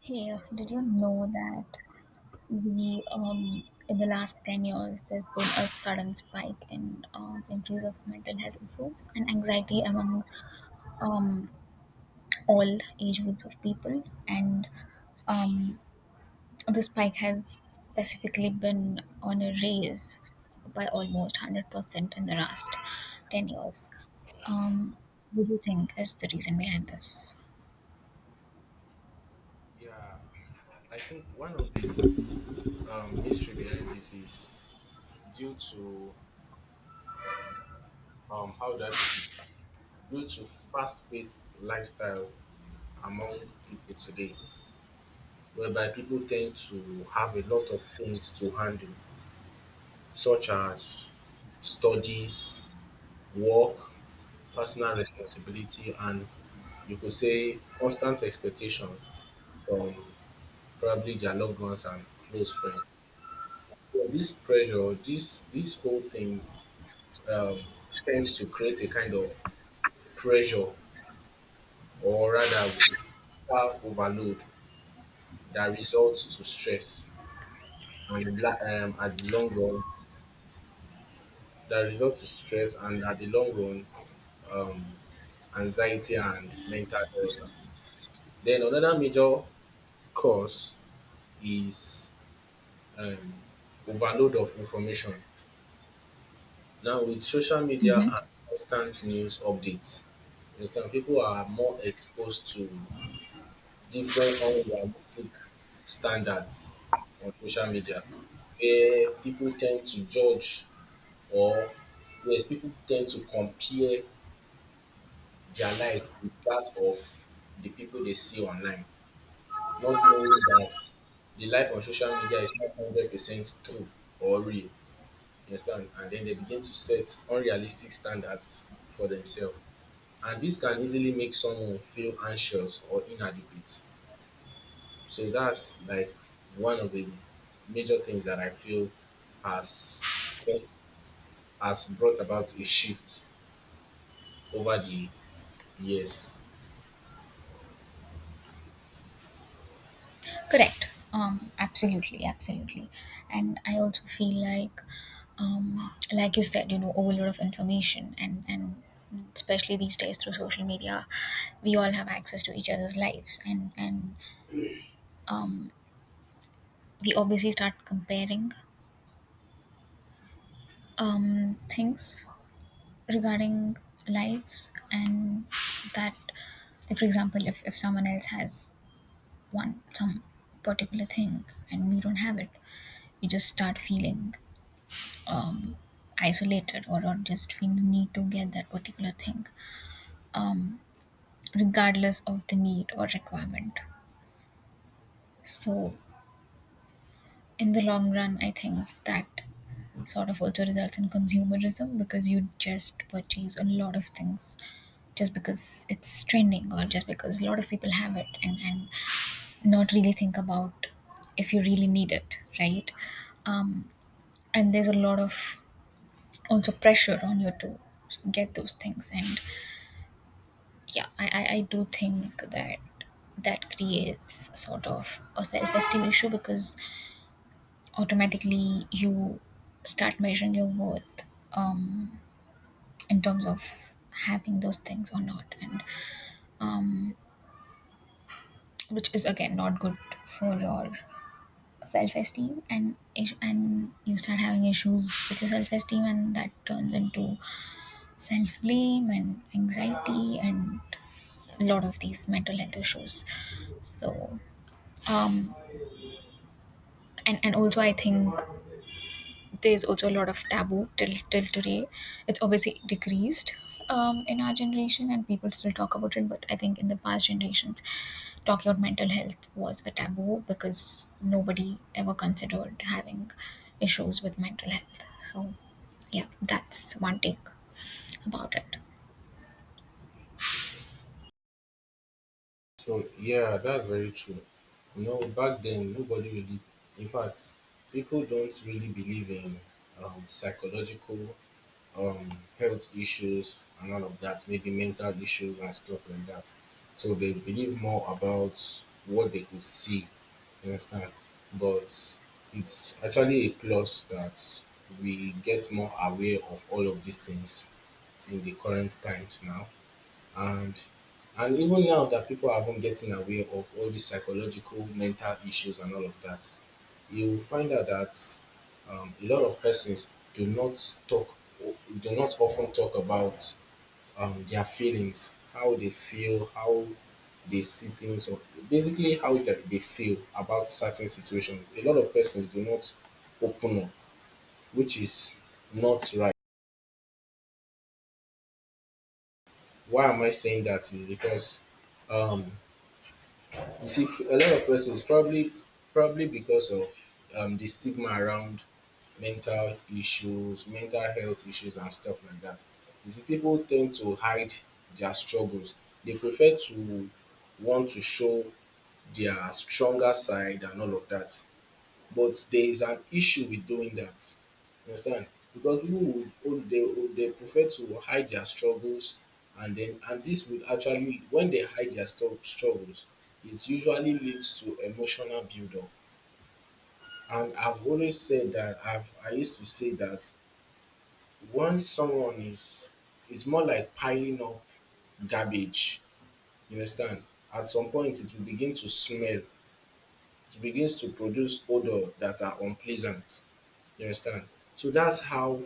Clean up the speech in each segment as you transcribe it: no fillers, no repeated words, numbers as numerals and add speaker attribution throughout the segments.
Speaker 1: Hey, did you know that we in the last 10 years there's been a sudden spike in increase of mental health issues and anxiety among um, all age groups of people, and um, the spike has specifically been on a raise by almost 100% in the last 10 years. Um, what do you think is the reason behind this?
Speaker 2: Yeah, I think one of the mystery behind this is due to how do I put it? Due to fast-paced lifestyle among people today, whereby people tend to have a lot of things to handle, such as studies, work, personal responsibility, and you could say constant expectation from probably their loved ones and close friends. So this pressure, this whole thing um, tends to create a kind of pressure, or rather physical overload that results to stress and at the long run that results to stress and at the long run um, anxiety and mental health. Then another major cause is um, overload of information. Now with social media and constant news updates, you understand people are more exposed to different unrealistic standards on social media, where people tend to judge, or yes, people tend to compare their life with that of the people they see online, not knowing that the life on social media is not 100% true or real. You understand? And then they begin to set unrealistic standards for themselves. And this can easily make someone feel anxious or inadequate. So that's like one of the major things that I feel has has brought about a shift over the years.
Speaker 1: Correct. Absolutely, absolutely. And I also feel like you said, overload of information, and especially these days through social media, we all have access to each other's lives, and um, we obviously start comparing things regarding lives, and that, if, for example, if someone else has one some particular thing and we don't have it, you just start feeling um, isolated, or just feel the need to get that particular thing, um, regardless of the need or requirement. So, in the long run, I think that sort of also results in consumerism, because you just purchase a lot of things just because it's trending, or just because a lot of people have it, and not really think about if you really need it, right? Um, and there's a lot of also pressure on you to get those things, and yeah, I do think that that creates sort of a self-esteem issue, because automatically you start measuring your worth um, in terms of having those things or not, and um, which is again not good for your self-esteem, and you start having issues with your self-esteem, and that turns into self-blame and anxiety and a lot of these mental health issues. So um, and also I think there's also a lot of taboo till today. It's obviously decreased in our generation, and people still talk about it. But I think in the past generations, talking about mental health was a taboo, because nobody ever considered having issues with mental health. So yeah, that's one take about it.
Speaker 2: So yeah, that's very true. You know, back then nobody really, in fact, people don't really believe in psychological um, health issues and all of that, maybe mental issues and stuff like that. So they believe more about what they could see, you understand? But it's actually a plus that we get more aware of all of these things in the current times now. And and even now that people are even getting aware of all these psychological mental issues and all of that, you will find out that a lot of persons do not talk, do not often talk about their feelings, how they feel, how they see things, or basically how they feel about certain situations. A lot of persons do not open up, which is not right. Why am I saying that? Is because um, you see, a lot of persons probably because of the stigma around mental issues, mental health issues and stuff like that. You see, people tend to hide their struggles. They prefer to want to show their stronger side and all of that. But there is an issue with doing that. You understand? Because people would oh, they prefer to hide their struggles, and this would actually when they hide their struggles, it usually leads to emotional buildup. And I've always said that I used to say that once someone is, it's more like piling up garbage. You understand? At some point it will begin to smell. It begins to produce odor that are unpleasant. You understand? So that's how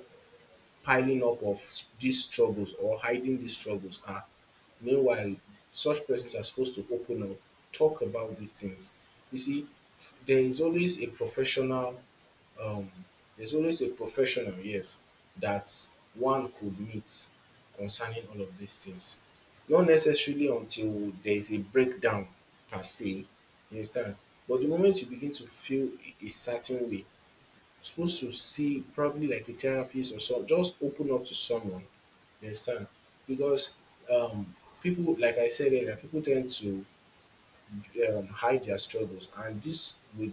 Speaker 2: piling up of these struggles or hiding these struggles are. Meanwhile, such persons are supposed to open up, talk about these things. You see, there is always a professional, um, yes, that one could meet concerning all of these things. Not necessarily until there is a breakdown per se, you understand? But the moment you begin to feel a certain way, supposed to see probably like a therapist or so. Just open up to someone. You understand? Because um, people, like I said earlier, people tend to hide their struggles, and this would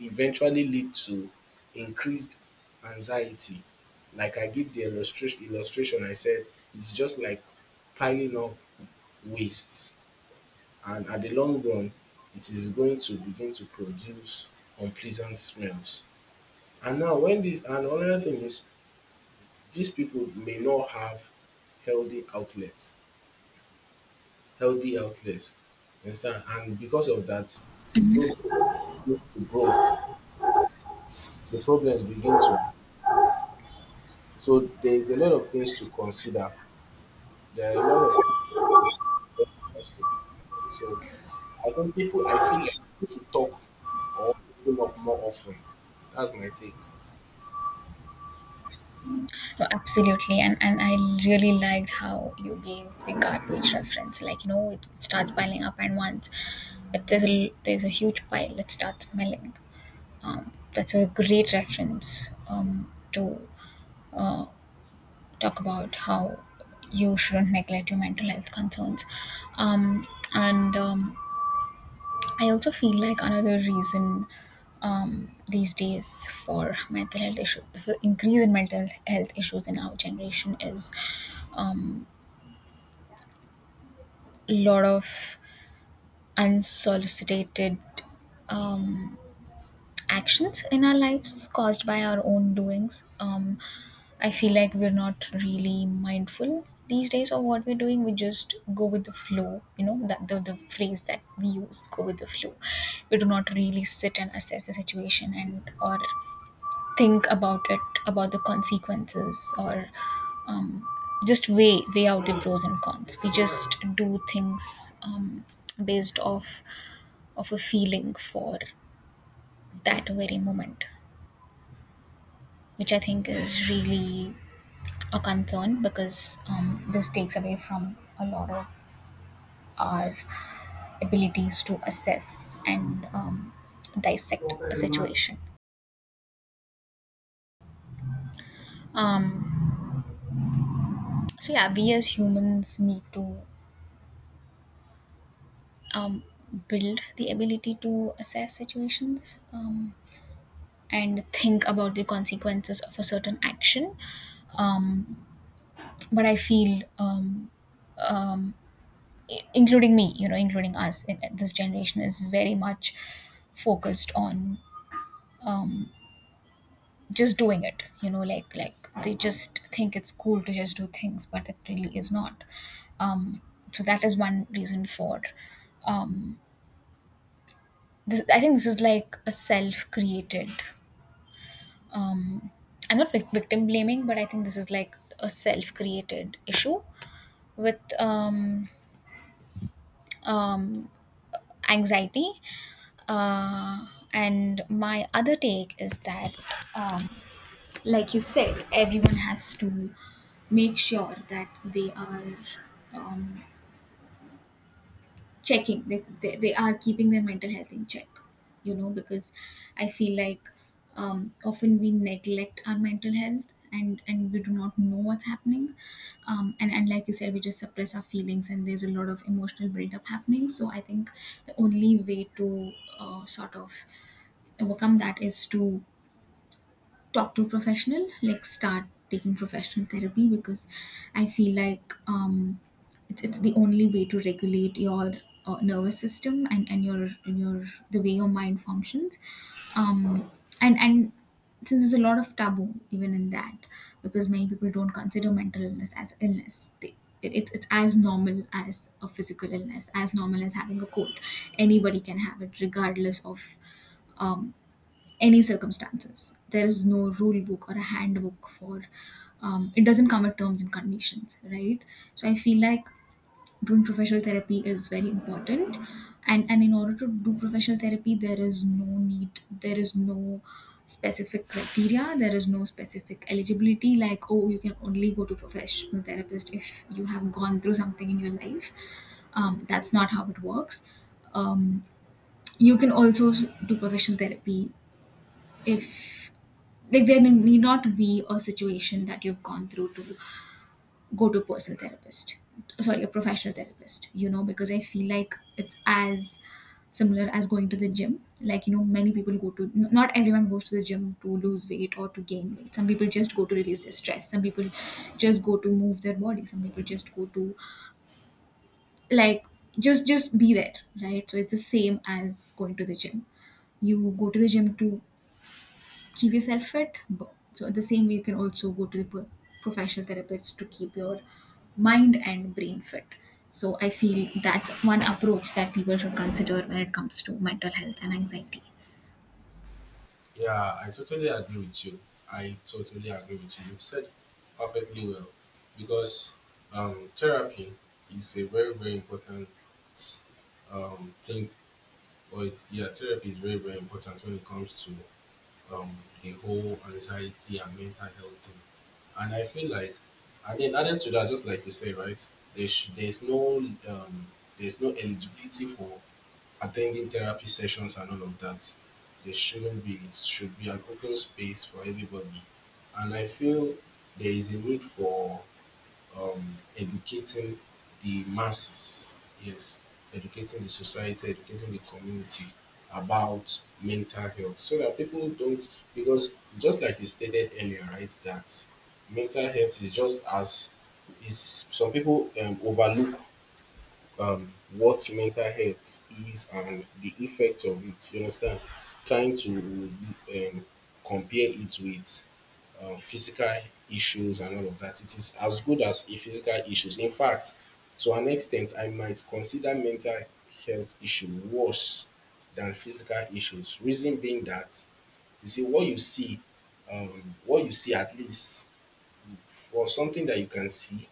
Speaker 2: eventually lead to increased anxiety. Like I give the illustration I said it's just like piling up wastes, and at the long run, it is going to begin to produce unpleasant smells. And now, when this, and another thing is these people may not have healthy outlets, healthy outlets. Understand? And because of that, the problem begins to grow. The problems begin to. So there's a lot of things to consider. There are a lot of things to consider. So I think people, I feel like people should talk or open up more often. That's my take.
Speaker 1: Oh, absolutely, and I really liked how you gave the garbage reference. Like, it starts piling up, and once it, there's a huge pile, it starts smelling. That's a great reference to uh, talk about how you shouldn't neglect your mental health concerns. Um, and I also feel like another reason these days for mental health issues, for increase in mental health issues in our generation is um, a lot of unsolicited um, actions in our lives caused by our own doings. I feel like we're not really mindful these days of what we're doing. We just go with the flow, you know, that the phrase that we use, go with the flow. We do not really sit and assess the situation, and or think about it, about the consequences, or um, just weigh out the pros and cons. We just do things based off of a feeling for that very moment, which I think is really a concern, because this takes away from a lot of our abilities to assess and dissect a situation. Um, so, yeah, we as humans need to um, build the ability to assess situations and think about the consequences of a certain action. Um, but I feel um, including me, you know, including us in this generation, is very much focused on um, just doing it. Like they just think it's cool to just do things, but it really is not. Um, so that is one reason for. Um, this, I think this is like a self-created. Um, I'm not victim blaming, but I think this is like a self-created issue with um, anxiety. Uh, and my other take is that, um, like you said, everyone has to make sure that they are um, checking, they are keeping their mental health in check, you know, because I feel like often we neglect our mental health, and we do not know what's happening, and like you said, we just suppress our feelings, and there's a lot of emotional buildup happening. So I think the only way to sort of overcome that is to talk to a professional, like start taking professional therapy, because I feel like it's the only way to regulate your nervous system, and your and your the way your mind functions. um and since there's a lot of taboo even in that, because many people don't consider mental illness as illness. They it, it's it's as normal as a physical illness, as normal as having a cold. Anybody can have it, regardless of um, any circumstances. There is no rule book or a handbook for, it doesn't come with terms and conditions, right? So I feel like doing professional therapy is very important, and in order to do professional therapy, there is no need, there is no specific criteria, there is no specific eligibility. Like, oh, you can only go to professional therapist if you have gone through something in your life. That's not how it works. Um, you can also do professional therapy if, like, there need not be a situation that you've gone through to go to a personal therapist, sorry, a professional therapist, you know, because I feel like it's as similar as going to the gym. Like, you know, many people go to not everyone goes to the gym to lose weight or to gain weight. Some people just go to release their stress, some people just go to move their body, some people just go to, like, just be there, right? So it's the same as going to the gym. You go to the gym to keep yourself fit. So the same way, you can also go to the professional therapist to keep your mind and brain fit. So I feel that's one approach that people should consider when it comes to mental health and anxiety.
Speaker 2: Yeah, I totally agree with you. I totally agree with you. You've said perfectly well because therapy is a very, very important thing. Yeah, therapy is very, very important when it comes to um, the whole anxiety and mental health thing. And I feel like, and then added to that, just like you say, right? There's no um, there's no eligibility for attending therapy sessions and all of that. There shouldn't be. It should be an open space for everybody, and I feel there is a need for educating the masses, yes, educating the society, educating the community about mental health so that people don't, because just like you stated earlier, right, that mental health is just as, is, some people overlook what mental health is and the effects of it. You understand? Trying to um, compare it with physical issues and all of that. It is as good as a physical issues. In fact, to an extent, I might consider mental health issue worse than physical issues. Reason being that you see what you see, what you see, at least for something that you can see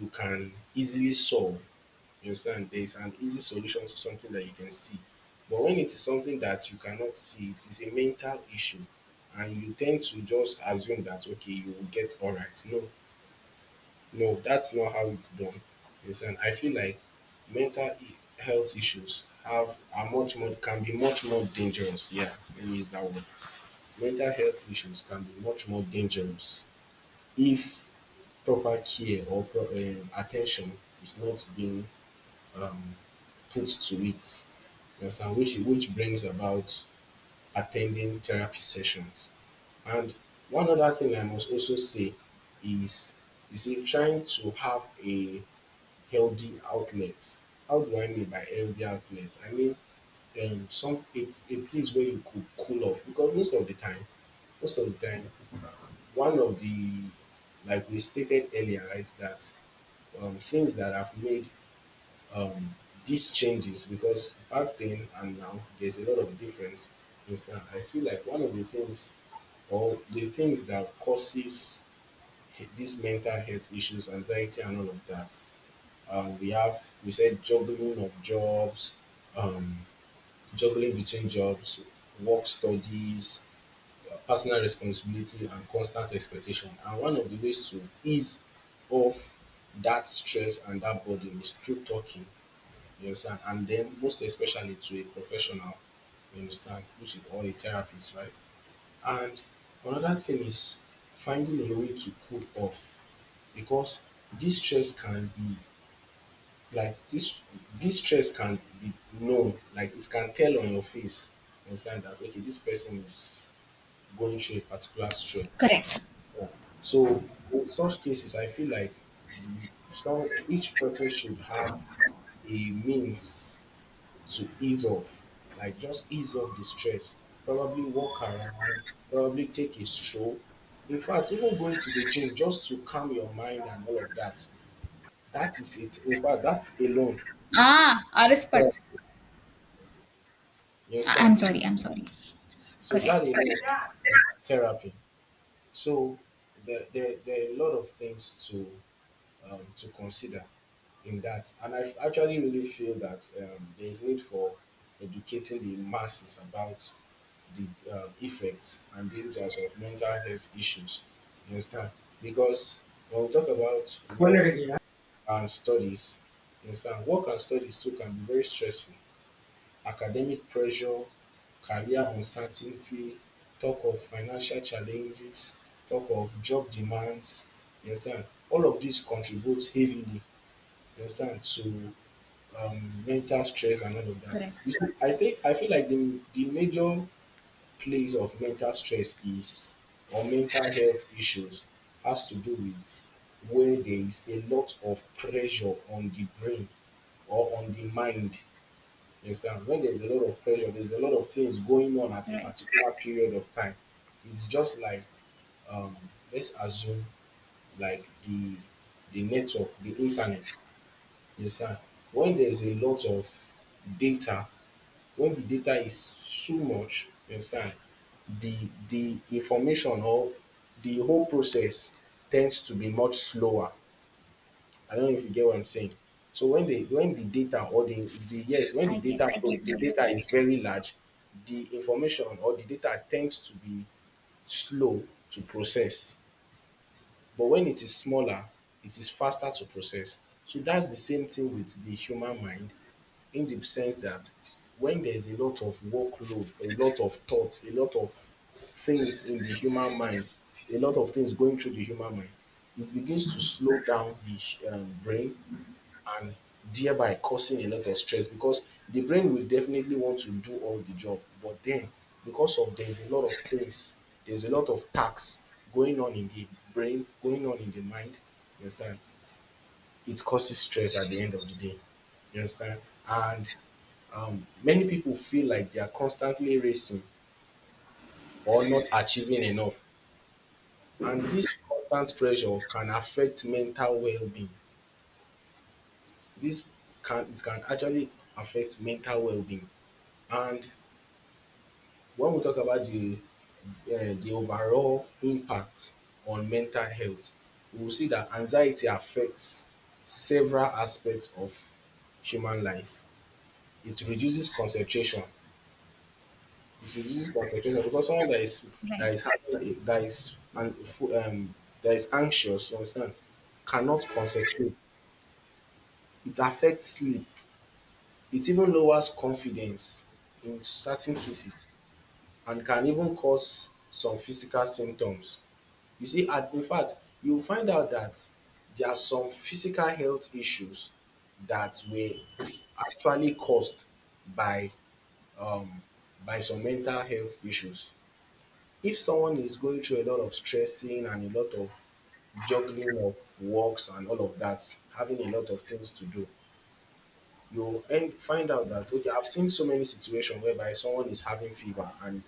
Speaker 2: you can easily solve. You understand? There is an easy solution to something that you can see. But when it is something that you cannot see, it is a mental issue, and you tend to just assume that okay, you will get all right. No, no, that's not how it's done. You understand? I feel like health issues have are much more, can be much more dangerous. Yeah, let me use that word. Mental health issues can be much more dangerous if proper care or attention is not being um, put to it, you understand, which brings about attending therapy sessions. And one other thing I must also say is, you see, trying to have a healthy outlet. How do I mean by healthy outlet? I mean some a place where you could cool off because most of the time, most of the time, one of the, like we stated earlier, right, that things that have made um, this changes, because back then and now there's a lot of difference. You understand? I feel like one of the things or the things that causes these mental health issues, anxiety, and all of that. We have we said juggling of jobs, um, juggling between jobs, work studies, personal responsibility, and constant expectation. And one of the ways to ease off that stress and that burden is through talking. Yes, and then most especially to a professional, you understand, which is or a therapist, right? And another thing is finding a way to cool off, because this stress can be like this this stress can be known, like it can tell on your face. You understand that okay, this person is going through a particular stress.
Speaker 1: Correct.
Speaker 2: Yeah. So in such cases I feel like the, some, each person should have a means to ease off, like just ease off the stress. Probably walk around, probably take a stroll. In fact, even going to the gym just to calm your mind and all of that. That is it. In fact, that alone is
Speaker 1: Ah, Arispat.
Speaker 2: therapy. You
Speaker 1: I'm
Speaker 2: understand?
Speaker 1: sorry. I'm sorry.
Speaker 2: So that
Speaker 1: Correct.
Speaker 2: alone is therapy. So there are a lot of things to consider in that. And actually really feel that there is need for educating the masses about the effects and dangers of mental health issues. You understand? Because when we talk about
Speaker 1: Well.
Speaker 2: work and studies, you understand, work and studies too can be very stressful. Academic pressure, career uncertainty, talk of financial challenges, talk of job demands. You understand? All of these contribute heavily. You understand to mental stress and all of that.
Speaker 1: Correct.
Speaker 2: You see, I think I feel like the major place of mental stress is or mental health issues has to do with where there is a lot of pressure on the brain or on the mind. You understand? When there's a lot of pressure, there's a lot of things going on at a
Speaker 1: Right.
Speaker 2: particular period of time. It's just like um, let's assume like the network, the internet. You understand? When there's a lot of data, when the data is so much, you understand, the the information or the whole process tends to be much slower. I don't know if you get what I'm saying. So when the data or the, yes, when
Speaker 1: I get. I totally
Speaker 2: the
Speaker 1: get it.
Speaker 2: data is very large, the information or the data tends to be slow to process. But when it is smaller, it is faster to process. So that's the same thing with the human mind in the sense that when there's a lot of workload, a lot of thoughts, a lot of things in the human mind, a lot of things going through the human mind, it begins to slow down the brain and thereby causing a lot of stress because the brain will definitely want to do all the job. But then, because of there's a lot of things, there's a lot of tasks going on in the brain, going on in the mind, you understand? It causes stress at the end of the day. You understand? And many people feel like they are constantly racing or not achieving enough, and this constant pressure can affect mental well-being. This can it can actually affect mental well-being. And when we talk about the overall impact on mental health, we will see that anxiety affects several aspects of human life. It reduces concentration. It reduces concentration because someone that
Speaker 1: Right.
Speaker 2: is having a- that is an fo- that is anxious, you understand, cannot concentrate. It affects sleep. It even lowers confidence in certain cases, and can even cause some physical symptoms. You see, at, in fact, you'll find out that there are some physical health issues that were actually caused by um by some mental health issues. If someone is going through a lot of stressing and a lot of juggling of works and all of that, having a lot of things to do, you'll end, find out that okay, I've seen so many situations whereby someone is having fever,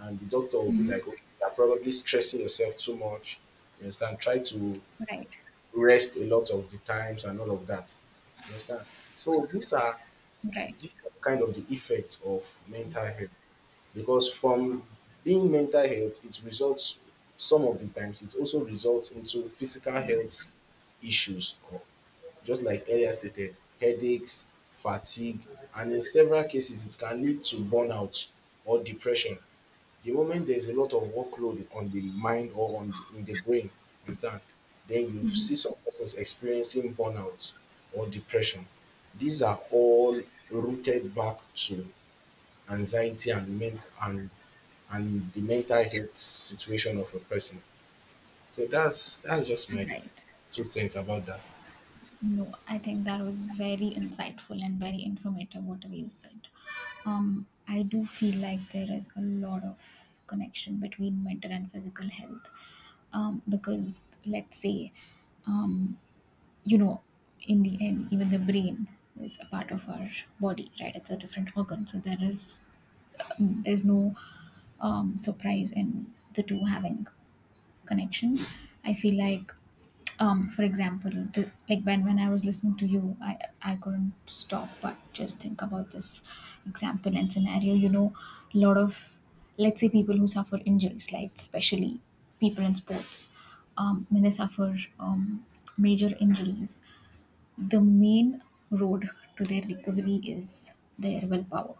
Speaker 2: and the doctor will be like, okay, you're probably stressing yourself too much. You understand? Try to
Speaker 1: Right.
Speaker 2: rest a lot of the times and all of that. You understand? So these are
Speaker 1: Right.
Speaker 2: these are kind of the effects of mental health. Because from being mental health, it results, some of the times it also results into physical health issues, or just like earlier stated, headaches, fatigue, and in several cases it can lead to burnout or depression. The moment there's a lot of workload on the mind or on the, in the brain, understand, then you see some persons experiencing burnout or depression. These are all rooted back to anxiety and the mental health situation of a person. So that's just my
Speaker 1: Right.
Speaker 2: two cents about that.
Speaker 1: No, I think that was very insightful and very informative, whatever you said. I do feel like there is a lot of connection between mental and physical health. Because let's say, um, you know, in the end, even the brain is a part of our body, right? It's a different organ. So there is, there's no surprise in the two having connection. I feel like, for example, like when I was listening to you, I couldn't stop but just think about this example and scenario. You know, a lot of, let's say, people who suffer injuries, like especially people in sports, when they suffer major injuries, the main road to their recovery is their willpower.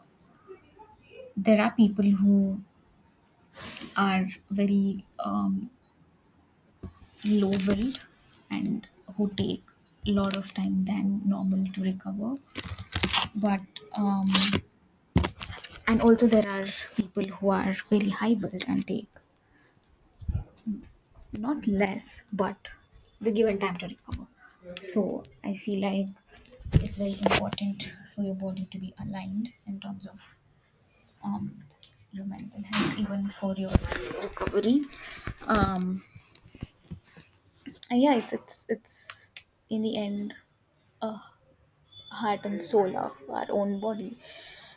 Speaker 1: There are people who are very low build, and who take a lot of time than normal to recover, but um and also there are people who are very high build, and take not less, but the given time to recover. So I feel like it's very important for your body to be aligned in terms of um your mental health, even for your recovery. um and yeah, it's in the end heart and soul of our own body,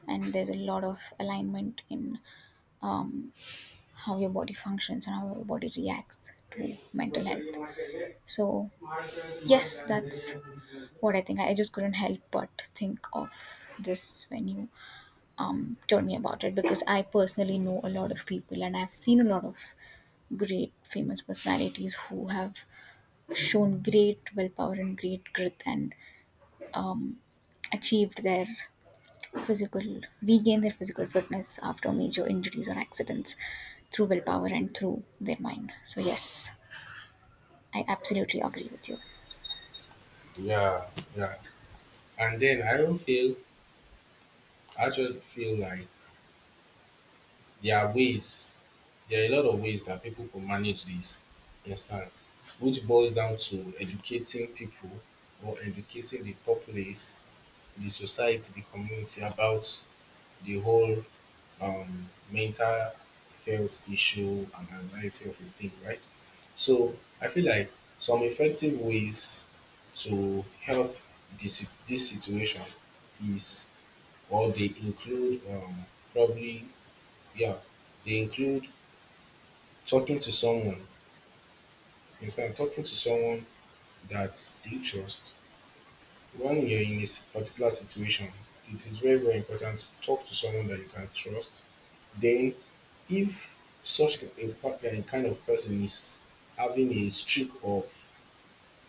Speaker 1: and there's a lot of alignment in um, how your body functions and how your body reacts to mental health. So yes, that's what I think. I just couldn't help but think of this when you told me about it, because I personally know a lot of people, and I've seen a lot of great famous personalities who have shown great willpower and great grit, and um, achieved their physical, regain their physical fitness after major injuries or accidents through willpower and through their mind. So yes, I absolutely agree with you.
Speaker 2: Yeah, yeah. And then I don't feel, I just feel like there are ways, there are a lot of ways that people can manage this. You understand? Which boils down to educating people or educating the populace, the society, the community about the whole mental health issue and anxiety of a thing, right? So I feel like some effective ways to help this situation is, or they include probably, yeah, they include talking to someone. Instead, of talking to someone that they trust. When you're in this particular situation, it is very, very important to talk to someone that you can trust. Then, if such a, a kind of person is having a streak of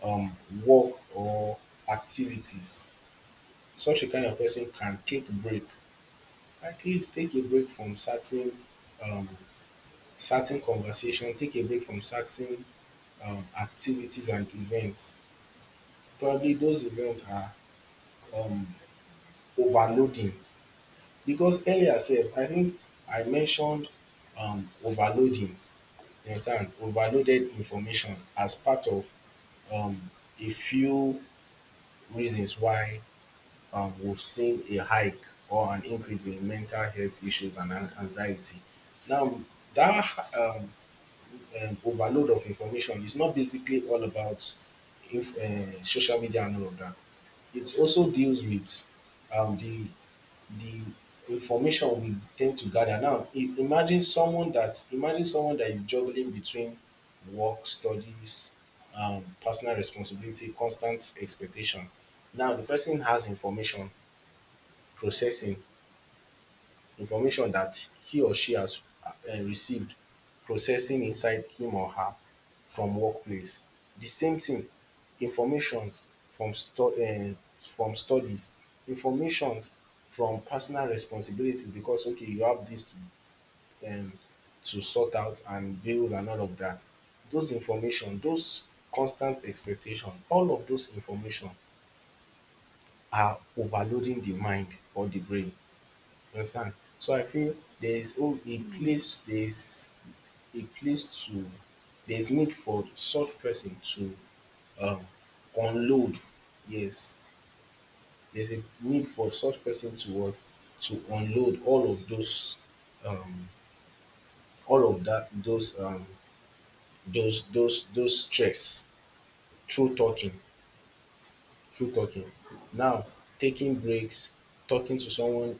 Speaker 2: um, work or activities, such a kind of person can take a break. At least take a break from certain um, certain conversation, take a break from certain activities and events. Probably those events are um, overloading. Because earlier sef, I think I mentioned overloading, you understand, overloaded information as part of um a few reasons why we've seen a hike or an increase in mental health issues and anxiety. Now dat um overload of information. It's not basically all about social media and all of that. It also deals with um, the the information we tend to gather. Now, imagine someone that is juggling between work, studies, personal responsibility, constant expectation. Now, the person has information processing information that he or she has received, processing inside him or her, from workplace, di same thing, informations from stu from studies, informations from personal responsibilities, because okay, you have this um to sort out and bills and all of that. Those information, those constant expectation, all of those information are overloading the mind or the brain. Understand? So I feel there is, oh, a place, there is a place to, there is need for such person to um, unload. Yes, there's a need for such person to what, to unload all of those um, all of that, those those stress through talking, through talking. Now, taking breaks, talking to someone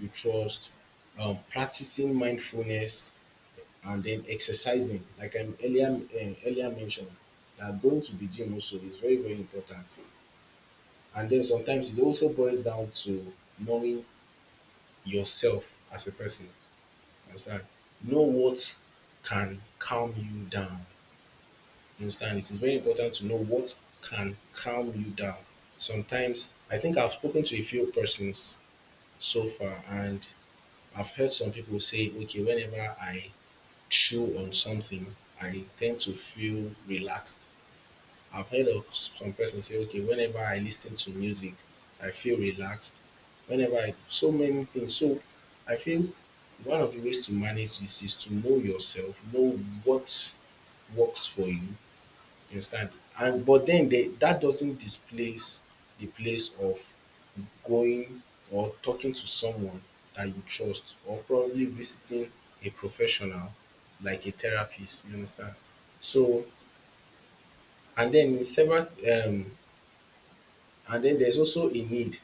Speaker 2: you trust, practicing mindfulness, and then exercising like I earlier earlier mentioned, that going to the gym also is very, very important. And then sometimes it also boils down to knowing yourself as a person, you understand, know what can calm you down, you understand, it is very important to know what can calm you down. Sometimes, I think I've spoken to a few persons so far, and I've heard some people say, okay, whenever I through on something, I tend to feel relaxed. I've heard of some person say, okay, whenever I listen to music, I feel relaxed. Whenever I, so many things. So I feel one of the ways to manage this is to know yourself, know what works for you. You understand? And but then they, that doesn't displace the place of going or talking to someone that you trust or probably visiting a professional like a therapist, you understand. So and den several and den there's also a need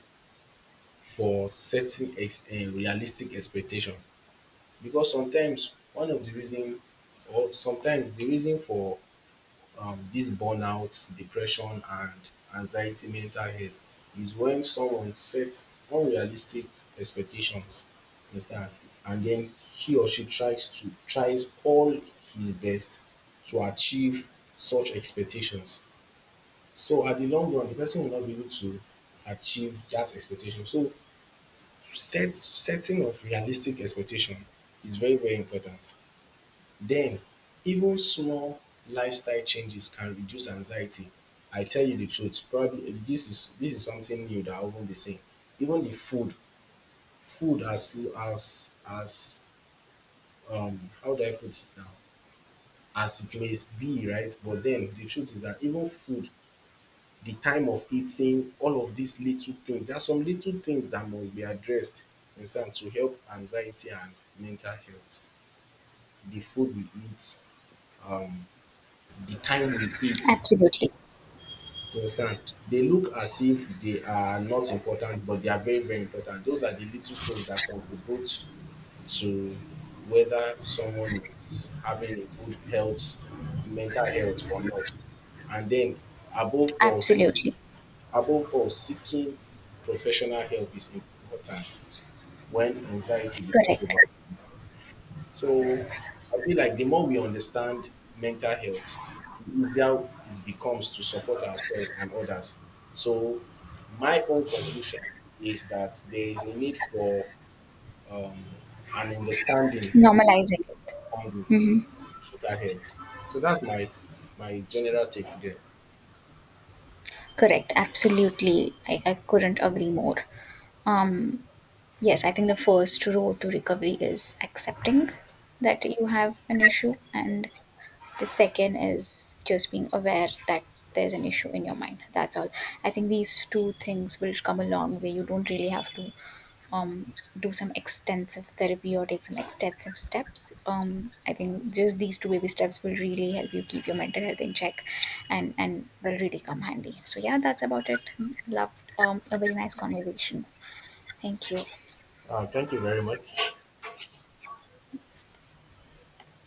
Speaker 2: for setting ex realistic expectation, because sometimes one of the reason, or sometimes the reason for this burnout, depression, and anxiety, mental health, is when someone sets unrealistic expectations, you understand, and then he or she tries to tries all his best to achieve such expectations. So at the long run, the person will not be able to achieve that expectation. So setting of realistic expectation is very, very important. Then, even small lifestyle changes can reduce anxiety. I tell you the truth, probably eh, this is something new that I won't be saying. Even the food, food as how do I put it now? As it may be, right? But then the truth is that even food, the time of eating, all of these little things, there are some little things that must be addressed, you some, to help anxiety and mental health. The food we eat, um the time we eat,
Speaker 1: Absolutely.
Speaker 2: you understand? They look as if they are not important, but they are very, very important. Those are the little things that contribute to whether someone is having a good health, mental health or not. And then above all,
Speaker 1: Absolutely.
Speaker 2: above all, seeking professional help is important when anxiety becomes
Speaker 1: Correct.
Speaker 2: overwhelming. So I feel like the more we understand mental health, the easier it becomes to support ourselves and others. So my own conclusion is that there is a need for um, an understanding,
Speaker 1: Normalizing it.
Speaker 2: understanding mental health. So that's my my general take there.
Speaker 1: Correct. Absolutely, I couldn't agree more. um yes, I think the first road to recovery is accepting that you have an issue, and the second is just being aware that there's an issue in your mind, that's all. I think these two things will come a long way. You don't really have to um do some extensive therapy or take some extensive steps. I think just these two baby steps will really help you keep your mental health in check, and will really come handy. So yeah, that's about it. Loved, a very nice conversation. Thank you.
Speaker 2: Thank you very much.